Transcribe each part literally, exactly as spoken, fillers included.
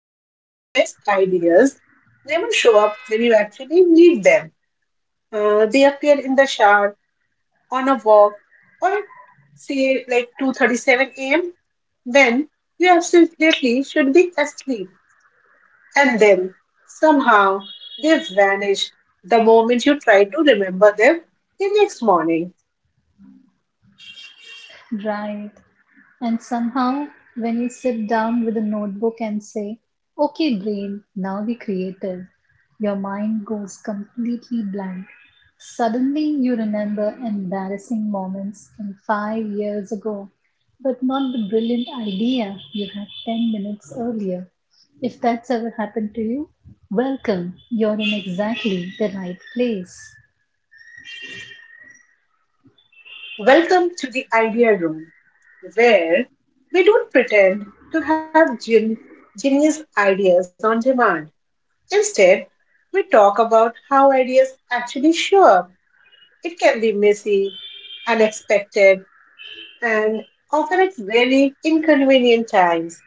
that your best ideas never show up when you actually need them? Uh, they appear in the shower, on a walk, or at, say, like two thirty-seven a m when you absolutely should be asleep, and then somehow they vanish the moment you try to remember them the next morning. Right. And somehow, when you sit down with a notebook and say, okay, brain, now be creative, your mind goes completely blank. Suddenly, you remember embarrassing moments from five years ago, but not the brilliant idea you had ten minutes earlier. If that's ever happened to you, welcome. You're in exactly the right place. Welcome to the idea room, where we don't pretend to have gen genius ideas on demand. Instead, we talk about how ideas actually show up. It can be messy, unexpected, and often at very inconvenient times.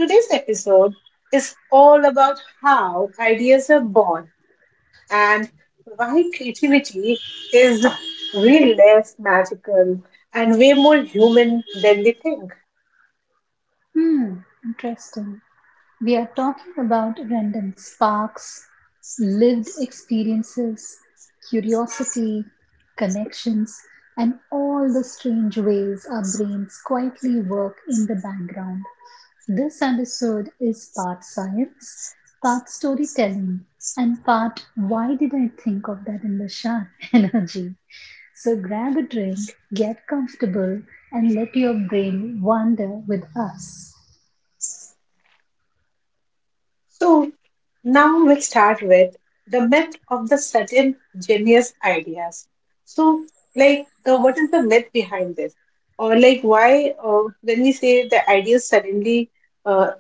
Today's episode is all about how ideas are born and why creativity is way less magical and way more human than we think. Hmm, interesting. We are talking about random sparks, lived experiences, curiosity, connections, and all the strange ways our brains quietly work in the background. This episode is part science, part storytelling, and part why did I think of that in the shower energy. So grab a drink, get comfortable, and let your brain wander with us. So, now we'll start with the myth of the sudden genius ideas. So, like, uh, what is the myth behind this, or like, why, uh, when we say the idea suddenly uh,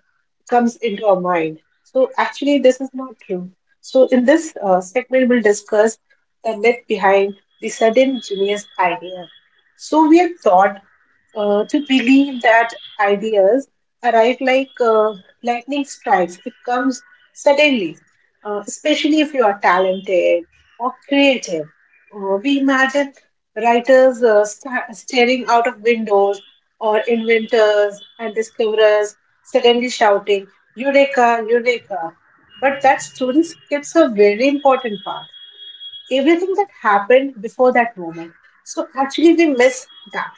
comes into our mind? So, actually, this is not true. So, in this uh, segment, we'll discuss the myth behind the sudden genius idea. So, we are taught uh, to believe that ideas arrive like uh, lightning strikes. It comes suddenly, uh, especially if you are talented or creative. Uh, we imagine writers, uh, sta- staring out of windows, or inventors and discoverers suddenly shouting, "Eureka, Eureka." But that story skips a very important part. Everything that happened before that moment. So actually, we miss that,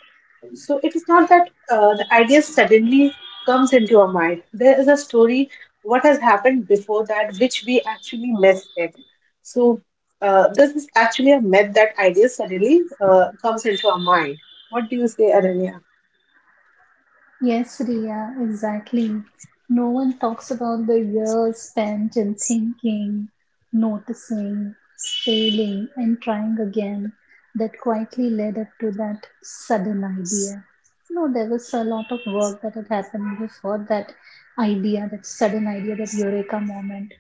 so it is not that uh, the idea suddenly comes into our mind. There is a story, what has happened before that, which we actually missed it. So uh, this is actually a myth, that ideas suddenly uh, comes into our mind. What do you say, Ananya? Yes, Ria, exactly. No one talks about the years spent in thinking, noticing, failing, and trying again that quietly led up to that sudden idea. You know, there was a lot of work that had happened before that idea, that sudden idea, that eureka moment.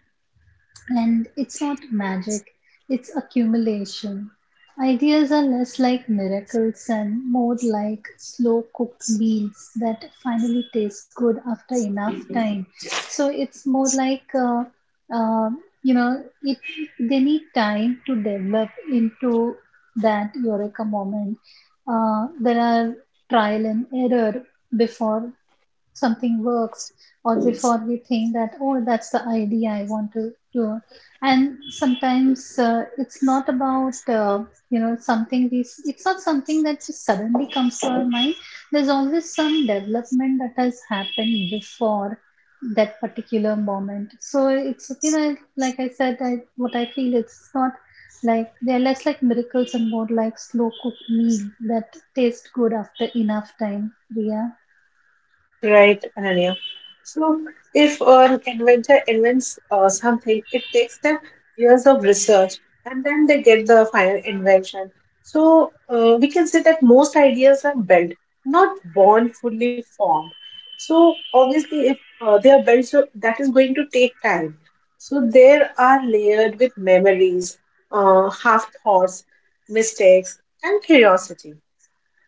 And it's not magic, it's accumulation. Ideas are less like miracles and more like slow cooked meals that finally taste good after enough time. So it's more like, uh, uh, you know, it, they need time to develop into that eureka moment. Uh, there are trial and error before something works, or before we think that, oh, that's the idea I want to do. And sometimes uh, it's not about, uh, you know, something we s- it's not something that just suddenly comes to our mind. There's always some development that has happened before that particular moment. So it's, you know, like I said, I, what I feel, it's not like they're less like miracles and more like slow cooked meal that taste good after enough time. Yeah. Right, Ananya. So, if an inventor invents uh, something, it takes them years of research, and then they get the final invention. So, uh, we can say that most ideas are built, not born fully formed. So, obviously, if uh, they are built, so that is going to take time. So, there are layered with memories, uh, half thoughts, mistakes, and curiosity.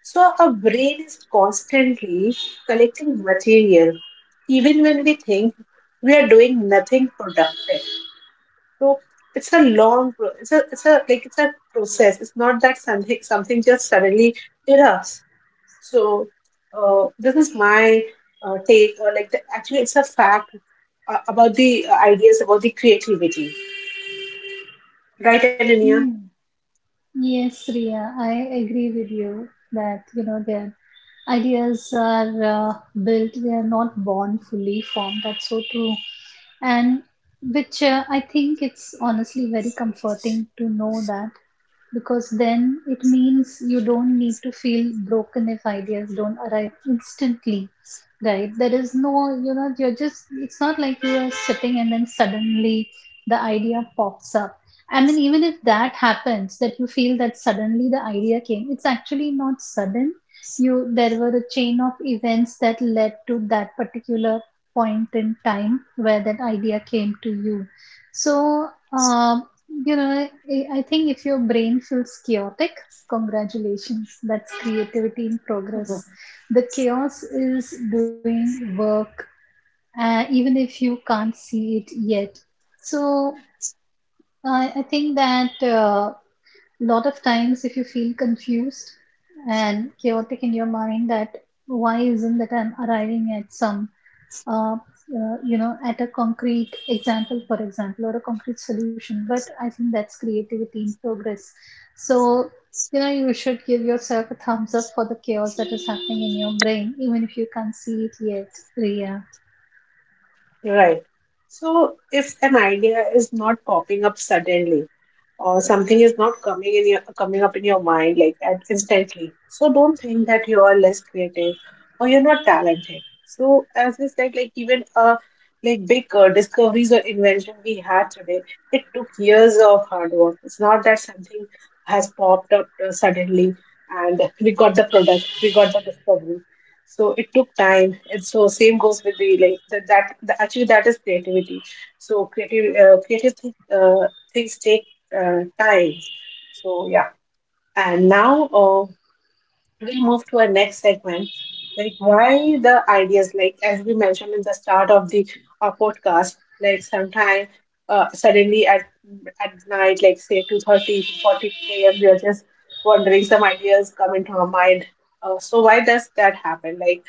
So our brain is constantly collecting material, even when we think we are doing nothing productive. So it's a long, pro- it's a, it's a like it's a process. It's not that something something just suddenly erupts. So uh, this is my uh, take, or like the, actually, it's a fact uh, about the uh, ideas, about the creativity, right, Ananya? Hmm. Yes, Ria, I agree with you that, you know, their ideas are uh, built; they are not born fully formed. That's so true, and which, uh, I think it's honestly very comforting to know that, because then it means you don't need to feel broken if ideas don't arrive instantly. Right, there is no, you know, you're just, it's not like you are sitting and then suddenly the idea pops up. And then even if that happens, that you feel that suddenly the idea came, it's actually not sudden. You, there were a chain of events that led to that particular point in time where that idea came to you. So um, you know, I I think if your brain feels chaotic, congratulations, that's creativity in progress. Mhm. The chaos is doing work, uh, even if you can't see it yet. So I I think that a lot of times, if you feel confused and chaotic in your mind, that why isn't that I'm arriving at some uh, uh, you know, at a concrete example, for example, or a concrete solution. But I think that's creativity in progress. So, you know, you should give yourself a thumbs up for the chaos that is happening in your brain, even if you can't see it yet, Ria. Right. So if an idea is not popping up suddenly, or something is not coming in your coming up in your mind like at instantly. So don't think that you are less creative or you're not talented. So as we said, like, even uh like big uh, discoveries or invention we had today, it took years of hard work. It's not that something has popped up uh, suddenly and we got the product, we got the discovery. So it took time, and so same goes with the like the, that. The, actually, that is creativity. So creative, uh, creative thi- uh, things take uh, tiles. So yeah, and now uh, we'll move to our next segment, like why the ideas, like as we mentioned in the start of the uh, podcast, like sometime uh, suddenly at at night, like say 2.30 to 40 a.m., we are just wondering some ideas come into our mind. Uh, so why does that happen, like,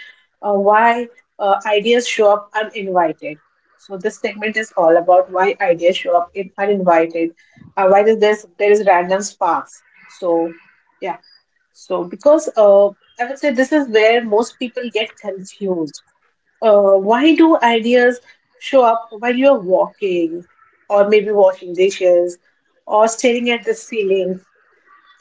uh, why uh, ideas show up uninvited? So this segment is all about why ideas show up in uninvited, uh, why does this, there is random sparks. So yeah. So, because uh, I would say, this is where most people get confused. Uh, why do ideas show up while you're walking, or maybe washing dishes, or staring at the ceiling?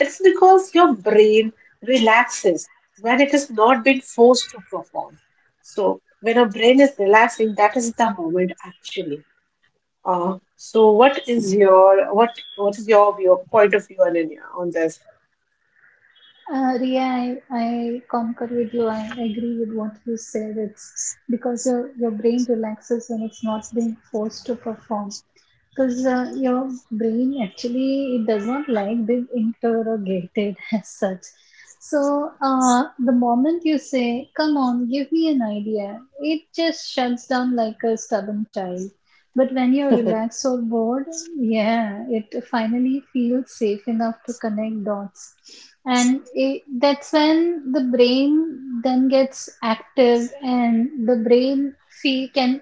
It's because your brain relaxes when it has not been forced to perform. So, when our brain is relaxing, that is the moment, actually. Uh, so, what is your what what is your view, point of view on on this? Uh, Ria, I, I concur with you. I agree with what you said. It's because your, your brain relaxes when it's not being forced to perform. Because uh, your brain actually, it does not like being interrogated as such. So uh, the moment you say, come on, give me an idea, it just shuts down like a stubborn child. But when you're relaxed or bored, yeah, it finally feels safe enough to connect dots. And it, that's when the brain then gets active, and the brain fee can,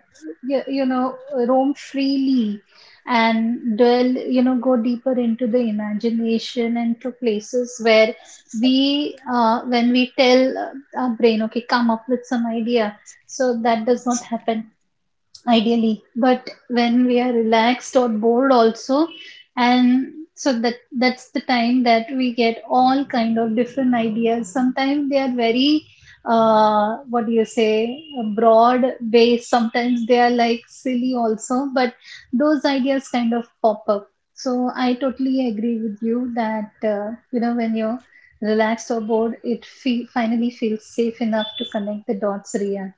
you, you know, roam freely and dwell, you know, go deeper into the imagination and to places where we, uh, when we tell uh, our brain, okay, come up with some idea. So that does not happen ideally, but when we are relaxed or bored also. And so that that's the time that we get all kind of different ideas. Sometimes they are very uh, what do you say, broad based, sometimes they are like silly also, but those ideas kind of pop up. So I totally agree with you that uh, you know, when you're relaxed or bored, it fe- finally feels safe enough to connect the dots, Ria.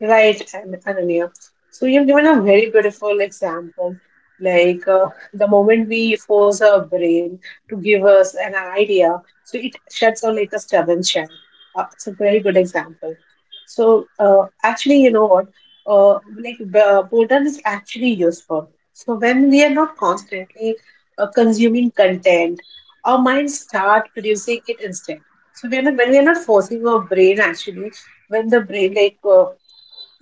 Right, An- Ananya. So you've given a very beautiful example. Like, uh, the moment we force our brain to give us an idea, so it shuts down like a stubborn child. Uh, it's a very good example. So uh, actually, you know what? Uh, like, uh, boredom is actually useful. So when we are not constantly uh, consuming content, our minds start producing it instead. So when when we are not forcing our brain, actually, when the brain, like, uh,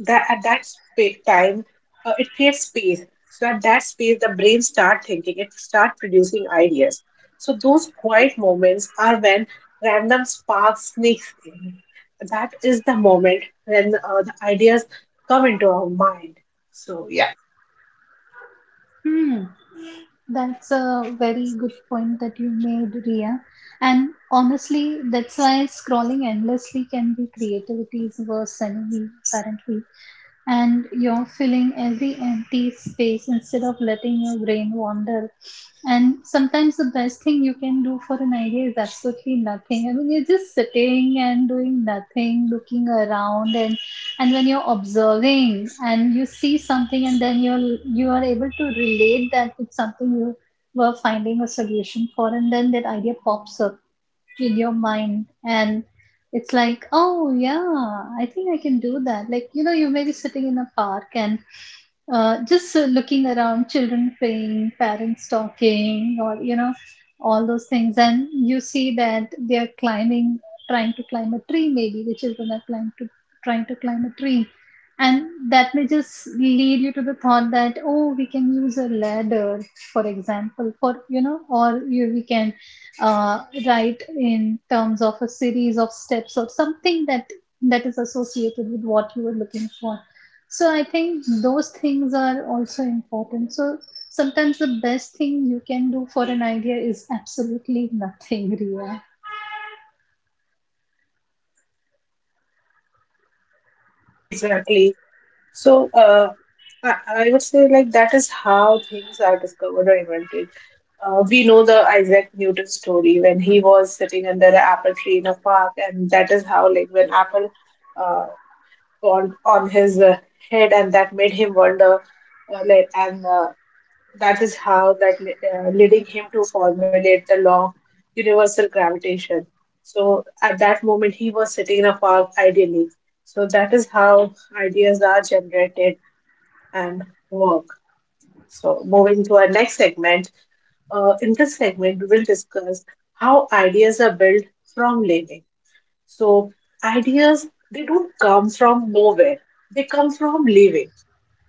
that at that space time, uh, it creates space. So at that space the brain start thinking, it start producing ideas. So those quiet moments are when random sparks sneaks in, that is the moment when uh, the ideas come into our mind. So yeah, Hmm. That's a very good point that you made, Ria. And honestly, that's why scrolling endlessly can be creativity's worst enemy currently, and you're filling every empty space instead of letting your brain wander. And sometimes the best thing you can do for an idea is absolutely nothing. I mean, you're just sitting and doing nothing, looking around. and and when you're observing and you see something and then you're you are able to relate that with something you were finding a solution for, and then that idea pops up in your mind. And it's like, oh yeah, I think I can do that. Like, you know, you may be sitting in a park and uh, just uh, looking around, children playing, parents talking, or, you know, all those things, and you see that they are climbing, trying to climb a tree. Maybe the children are trying to trying to climb a tree And that may just lead you to the thought that, oh, we can use a ladder, for example, for, you know, or you, we can, uh, right, in terms of a series of steps or something that that is associated with what you were looking for. So I think those things are also important. So sometimes the best thing you can do for an idea is absolutely nothing. Ria. exactly. So uh, I, I would say, like, that is how things are discovered or invented. Uh, we know the Isaac Newton story, when he was sitting under an apple tree in a park, and that is how, like, when apple uh, fall on his uh, head, and that made him wonder, uh, like, and uh, that is how that li- uh, leading him to formulate the law of universal gravitation. So at that moment, he was sitting in a park ideally. So that is how ideas are generated and work. So moving to our next segment, uh, in this segment, we will discuss how ideas are built from living. So, ideas they don't come from nowhere; they come from living.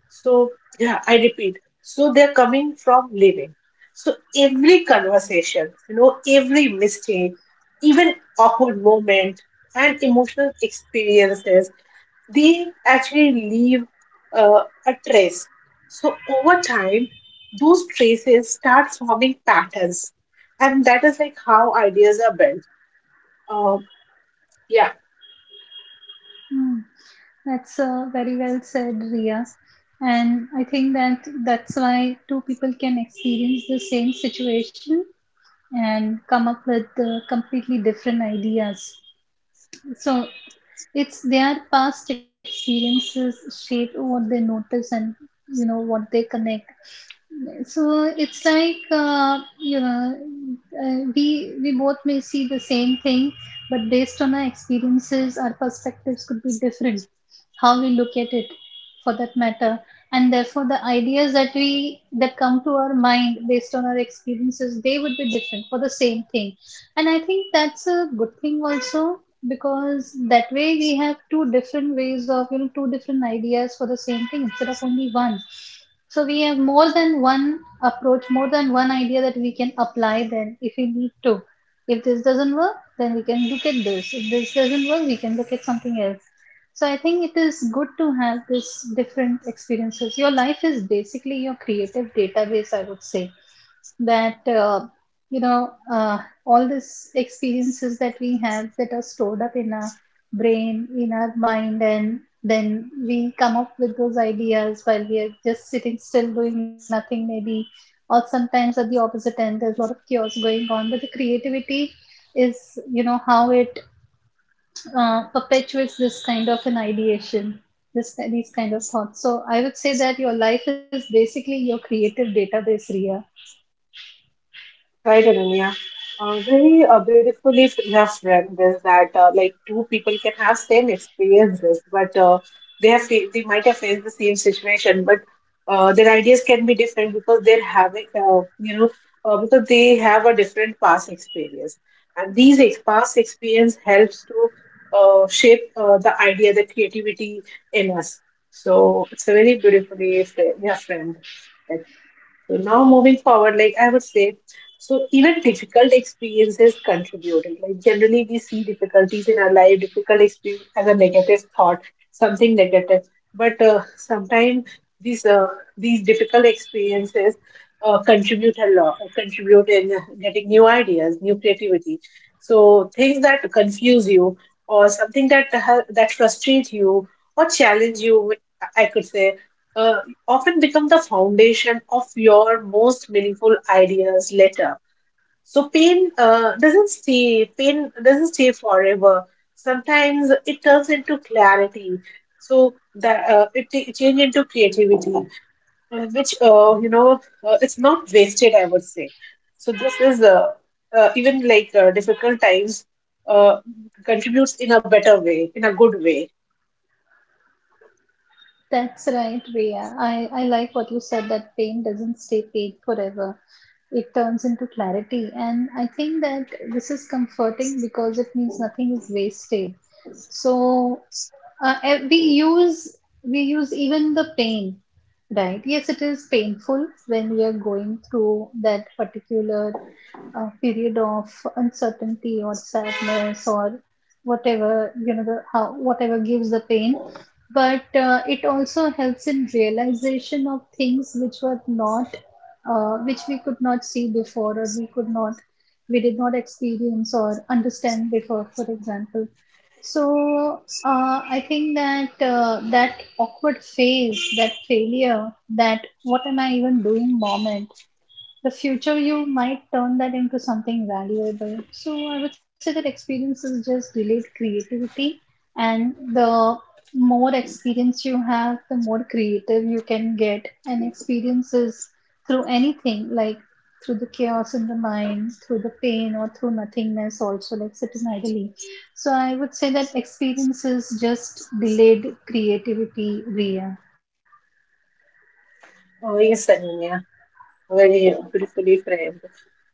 So, yeah, I repeat. So they're coming from living. So every conversation, you know, every mistake, even awkward moment and emotional experiences, they actually leave uh, a trace. So over time, those traces start forming patterns, and that is like how ideas are built. Um, yeah. Hmm. That's uh, very well said, Ria. And I think that that's why two people can experience the same situation and come up with uh, completely different ideas. So it's their past experiences shape what they notice, and, you know, what they connect. So it's like, uh, you know, uh, we we both may see the same thing, but based on our experiences, our perspectives could be different, how we look at it, for that matter. And therefore the ideas that we that come to our mind based on our experiences, they would be different for the same thing. And I think that's a good thing also, because that way we have two different ways of, you know, two different ideas for the same thing instead of only one. So we have more than one approach, more than one idea that we can apply then if we need to. If this doesn't work, then we can look at this. If this doesn't work, we can look at something else. So I think it is good to have this different experiences. Your life is basically your creative database, I would say, that uh, you know, uh, all these experiences that we have that are stored up in our brain, in our mind, and then we come up with those ideas while we are just sitting still, doing nothing, maybe, or sometimes at the opposite end, there's a lot of chaos going on. But the creativity is, you know, how it uh, perpetuates this kind of an ideation, this these kind of thoughts. So I would say that your life is basically your creative database, Ria. Right, Ananya. Uh, very, uh, beautifully f- you have read this, that, uh, like, two people can have same experiences, but, uh, they have fa- they might have faced the same situation, but, uh, their ideas can be different, because they're having uh, you know uh, because they have a different past experience, and these ex- past experience helps to uh, shape uh, the idea, the creativity in us. So it's a very beautifully framed, yeah, framed. So now moving forward, like, I would say, so even difficult experiences contributed. Like like generally we see difficulties in our life, difficult experience as a negative thought, something negative. But, uh, sometimes, these uh, these difficult experiences uh, contribute a lot, contribute in getting new ideas, new creativity. So things that confuse you, or something that uh, that frustrate you or challenge you, I could say, uh, often become the foundation of your most meaningful ideas later. So pain uh, doesn't stay. Pain doesn't stay forever. Sometimes it turns into clarity. So that, uh, it t- change into creativity, uh, which uh, you know uh, it's not wasted, I would say. So this is, uh, uh, even like, uh, difficult times uh, contributes in a better way, in a good way. That's right, Ria. I, I like what you said that pain doesn't stay pain forever. It turns into clarity. And I think that this is comforting because it means nothing is wasted. So uh, eh, we use we use even the pain, right? Yes, it is painful when we are going through that particular a period of uncertainty or sadness or whatever, you know, the, how, whatever gives the pain. But uh, it also helps in realization of things which were not, uh, which we could not see before, or we could not, we did not experience or understand before, for example. So uh, I think that uh, that awkward phase, that failure, that what am I even doing moment, the future you might turn that into something valuable. So I would say that experiences just delayed creativity, and the more experience you have, the more creative you can get. And experiences through anything, like through the chaos in the mind, through the pain, or through nothingness, also like sitting idly. So I would say that experiences just delayed creativity, Ria. Oh, yes, Ananya. Very, uh, beautifully framed.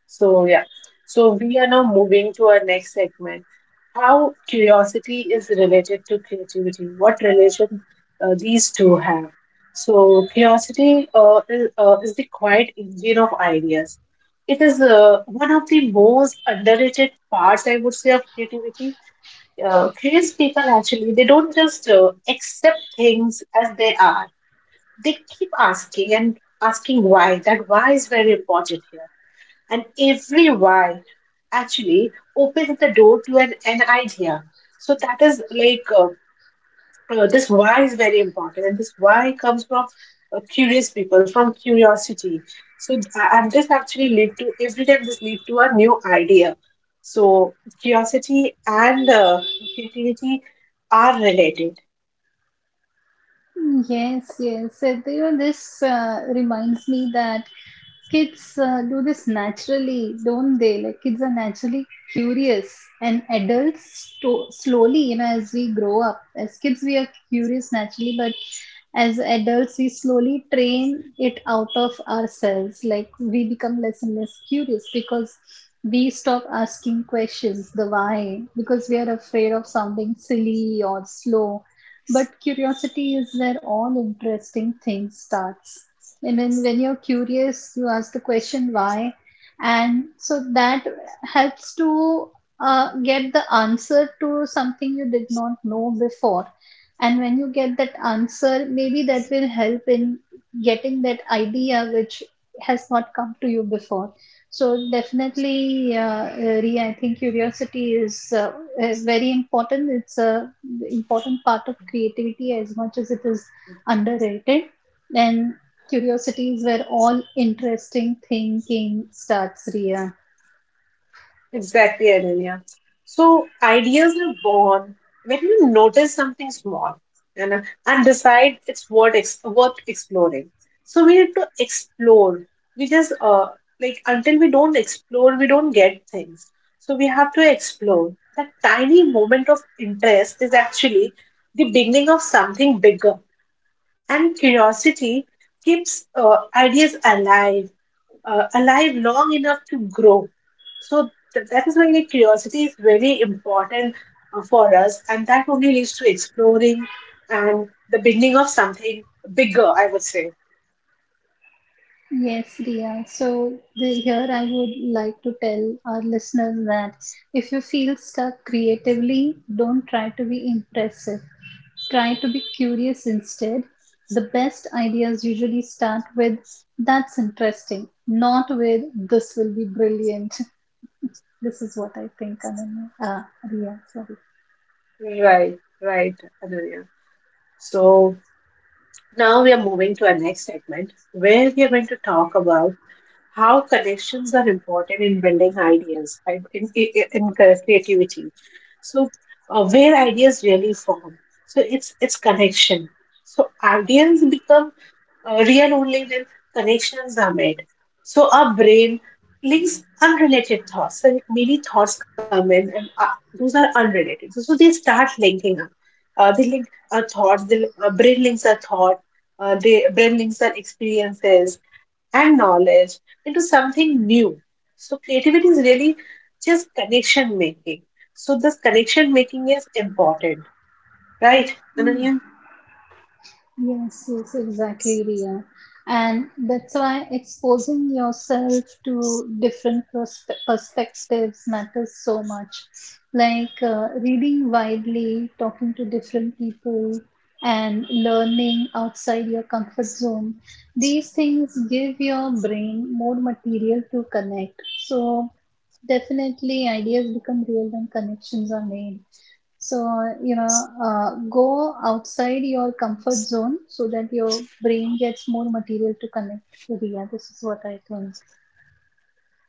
So, yeah. So, we are now moving to our next segment. How curiosity is related to creativity. What relation uh, these two have? So, curiosity uh, is, uh, is the quiet engine of ideas. It is uh, one of the most underrated parts, I would say, of creativity. Uh, creative people, actually, they don't just uh, accept things as they are, they keep asking and asking why. That why is very important here. And every why actually opens the door to an, an idea. So that is like, uh, uh, this why is very important. And this why comes from uh, curious people, from curiosity. So th- and this actually lead to every time this lead to a new idea. So curiosity and uh, creativity are related. Mm, yes, yes. So, you know, this uh, reminds me that kids uh, do this naturally, don't they? Like kids are naturally curious, and adults to- slowly, you know, as we grow up, as kids we are curious naturally, but as adults we slowly train it out of ourselves. Like we become less and less curious because we stop asking questions, the why, because we are afraid of sounding silly or slow. But curiosity is where all interesting things starts. And when, when you're curious, you ask the question why. And so that helps to uh, get the answer to something you did not know before. And when you get that answer, maybe that will help in getting that idea which has not come to you before. So definitely, uh, Ria, I think curiosity is uh, uh, very important. It's a important part of creativity as much as it is underrated. And curiosities were all interesting thinking starts, Ria. Exactly, Ananya. So ideas are born when you notice something small, and, and decide it's worth, ex- worth exploring. So we need to explore. We just, uh, like, until we don't explore, we don't get things. So we have to explore. That tiny moment of interest is actually the beginning of something bigger, and curiosity keeps uh, ideas alive uh, alive long enough to grow. So th- that is why the curiosity is very important uh, for us, and that only leads to exploring and the beginning of something bigger, I would say. Yes, Ria. So the, here I would like to tell our listeners that if you feel stuck creatively, don't try to be impressive. Try to be curious instead. The best ideas usually start with that's interesting, not with this will be brilliant. This is what I think, Ananya. Ah, Ria, sorry. Right, right, Ananya. So now we are moving to our next segment, where we are going to talk about how connections are important in building ideas, and in, in, in creativity. So, uh, where ideas really form. So, it's, it's connection. So, ideas become uh, real only when connections are made. So, our brain links unrelated thoughts. So, many thoughts come in, and uh, those are unrelated. So, so they start linking up. Uh, they link our thoughts, the uh, brain links our thoughts, uh, they brings their experiences and knowledge into something new. So creativity is really just connection making. So this connection making is important, right, Hmm. Ananya? Yes, yes, exactly, Ria. And that's why exposing yourself to different pers perspectives matters so much. Like uh, reading widely, talking to different people, and learning outside your comfort zone. These things give your brain more material to connect. So, definitely, ideas become real when connections are made. So, you know, uh, go outside your comfort zone so that your brain gets more material to connect with. Yeah, this is what I think.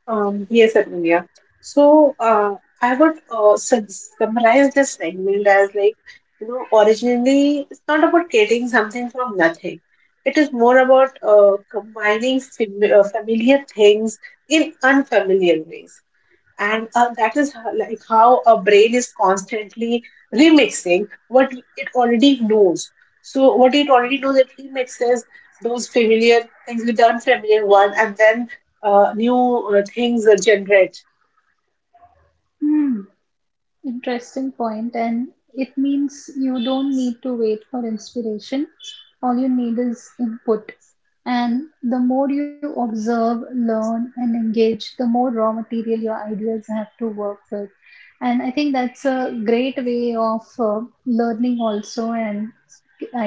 Um, yes, Ananya. So uh, I would uh, sum- summarize this segment as like, you know, originally it's not about creating something from nothing. It is more about uh, combining, fam- uh, familiar things in unfamiliar ways, and uh, that is, ho- like how our brain is constantly remixing what it already knows. So what it already knows, it remixes those familiar things with the unfamiliar one, and then uh, new uh, things are generate. Hmm, interesting point. And it means you don't need to wait for inspiration. All you need is input. And the more you observe, learn, and engage, the more raw material your ideas have to work with. And I think that's a great way of uh, learning also and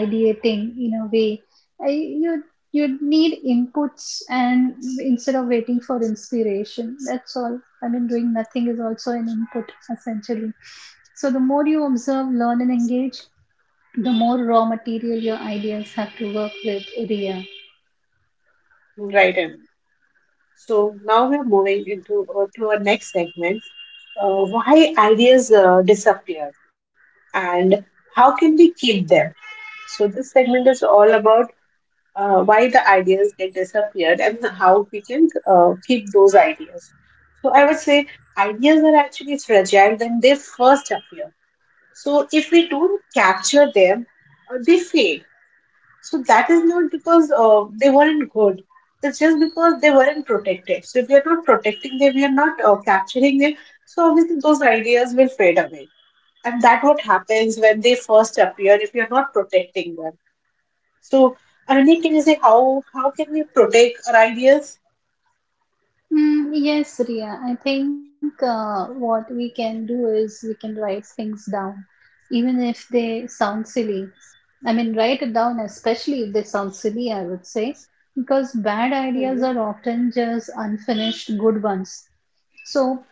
ideating in a way. I, you, you need inputs and instead of waiting for inspiration. That's all. I mean, doing nothing is also an input essentially. So the more you observe, learn, and engage, the more raw material your ideas have to work with, Ria. Right. In, so now we're moving into uh, to our next segment, uh, why ideas uh, disappear and how can we keep them. So this segment is all about uh, why the ideas get disappeared and how we can uh, keep those ideas. So I would say ideas are actually fragile when they first appear. So if we don't capture them, uh, they fade. So that is not because uh, they weren't good. It's just because they weren't protected. So if we are not protecting them, we are not uh, capturing them. So obviously those ideas will fade away. And that what happens when they first appear if you're not protecting them. So I really, can you say how how can we protect our ideas? Mm, yes, Ria. I think uh, what we can do is we can write things down, even if they sound silly. I mean, write it down, especially if they sound silly, I would say, because bad ideas Mm-hmm. are often just unfinished good ones. So,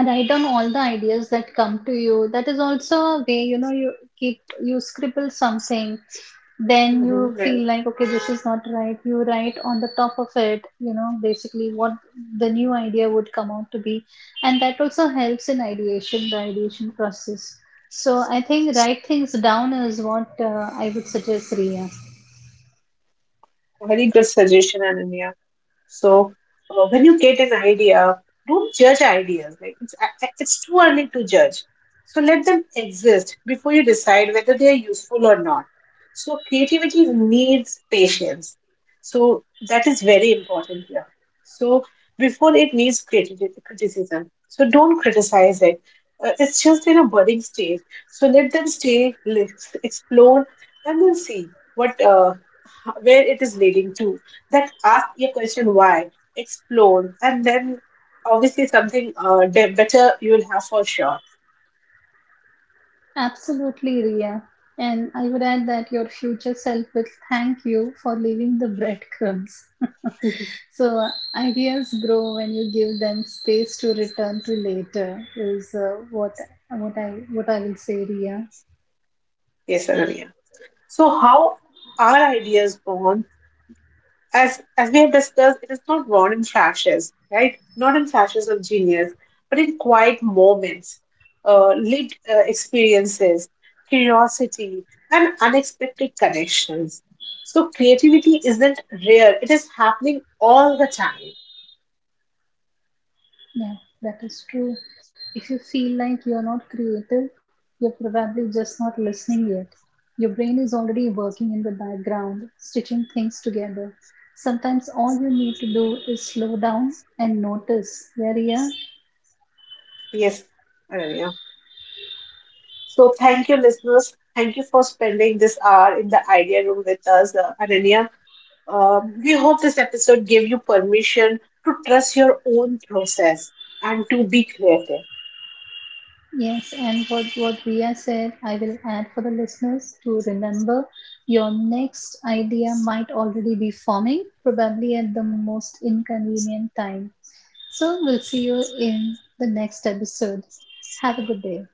write down all the ideas that come to you. That is also a way, you know, you keep, you scribble something, then you feel like, okay, this is not right, you write on the top of it, you know, basically what the new idea would come out to be. And that also helps in ideation, the ideation process. So I think write things down is what uh, I would suggest, Ria. Very good suggestion, Ananya. So uh, when you get an idea, don't judge ideas. Like, it's it's too early to judge. So let them exist before you decide whether they are useful or not. So creativity needs patience. So that is very important here. So before it needs, criti- criticism. So don't criticize it. Uh, it's just in a budding stage. So let them stay, let's explore, and then see what uh, where it is leading to, that, ask your question why, explore, and then obviously something, uh, de- better you will have for sure. Absolutely, Ria. And I would add that your future self will thank you for leaving the breadcrumbs. So ideas grow when you give them space to return to later, is uh, what what I what I will say, Ria. Yes, Ananya. So how are ideas born? As as we have discussed, it is not born in flashes, right? Not in flashes of genius, but in quiet moments, uh, lived uh, experiences, curiosity, and unexpected connections. So creativity isn't rare; it is happening all the time. Yeah, that is true. If you feel like you are not creative, you're probably just not listening yet. Your brain is already working in the background, stitching things together. Sometimes all you need to do is slow down and notice. Yeah, Ria. Yes, Ananya. So, thank you, listeners. Thank you for spending this hour in the idea room with us, uh, Ananya. Um, we hope this episode gave you permission to trust your own process and to be creative. Yes, and what what Ria said, I will add for the listeners to remember, your next idea might already be forming, probably at the most inconvenient time. So we'll see you in the next episode. Have a good day.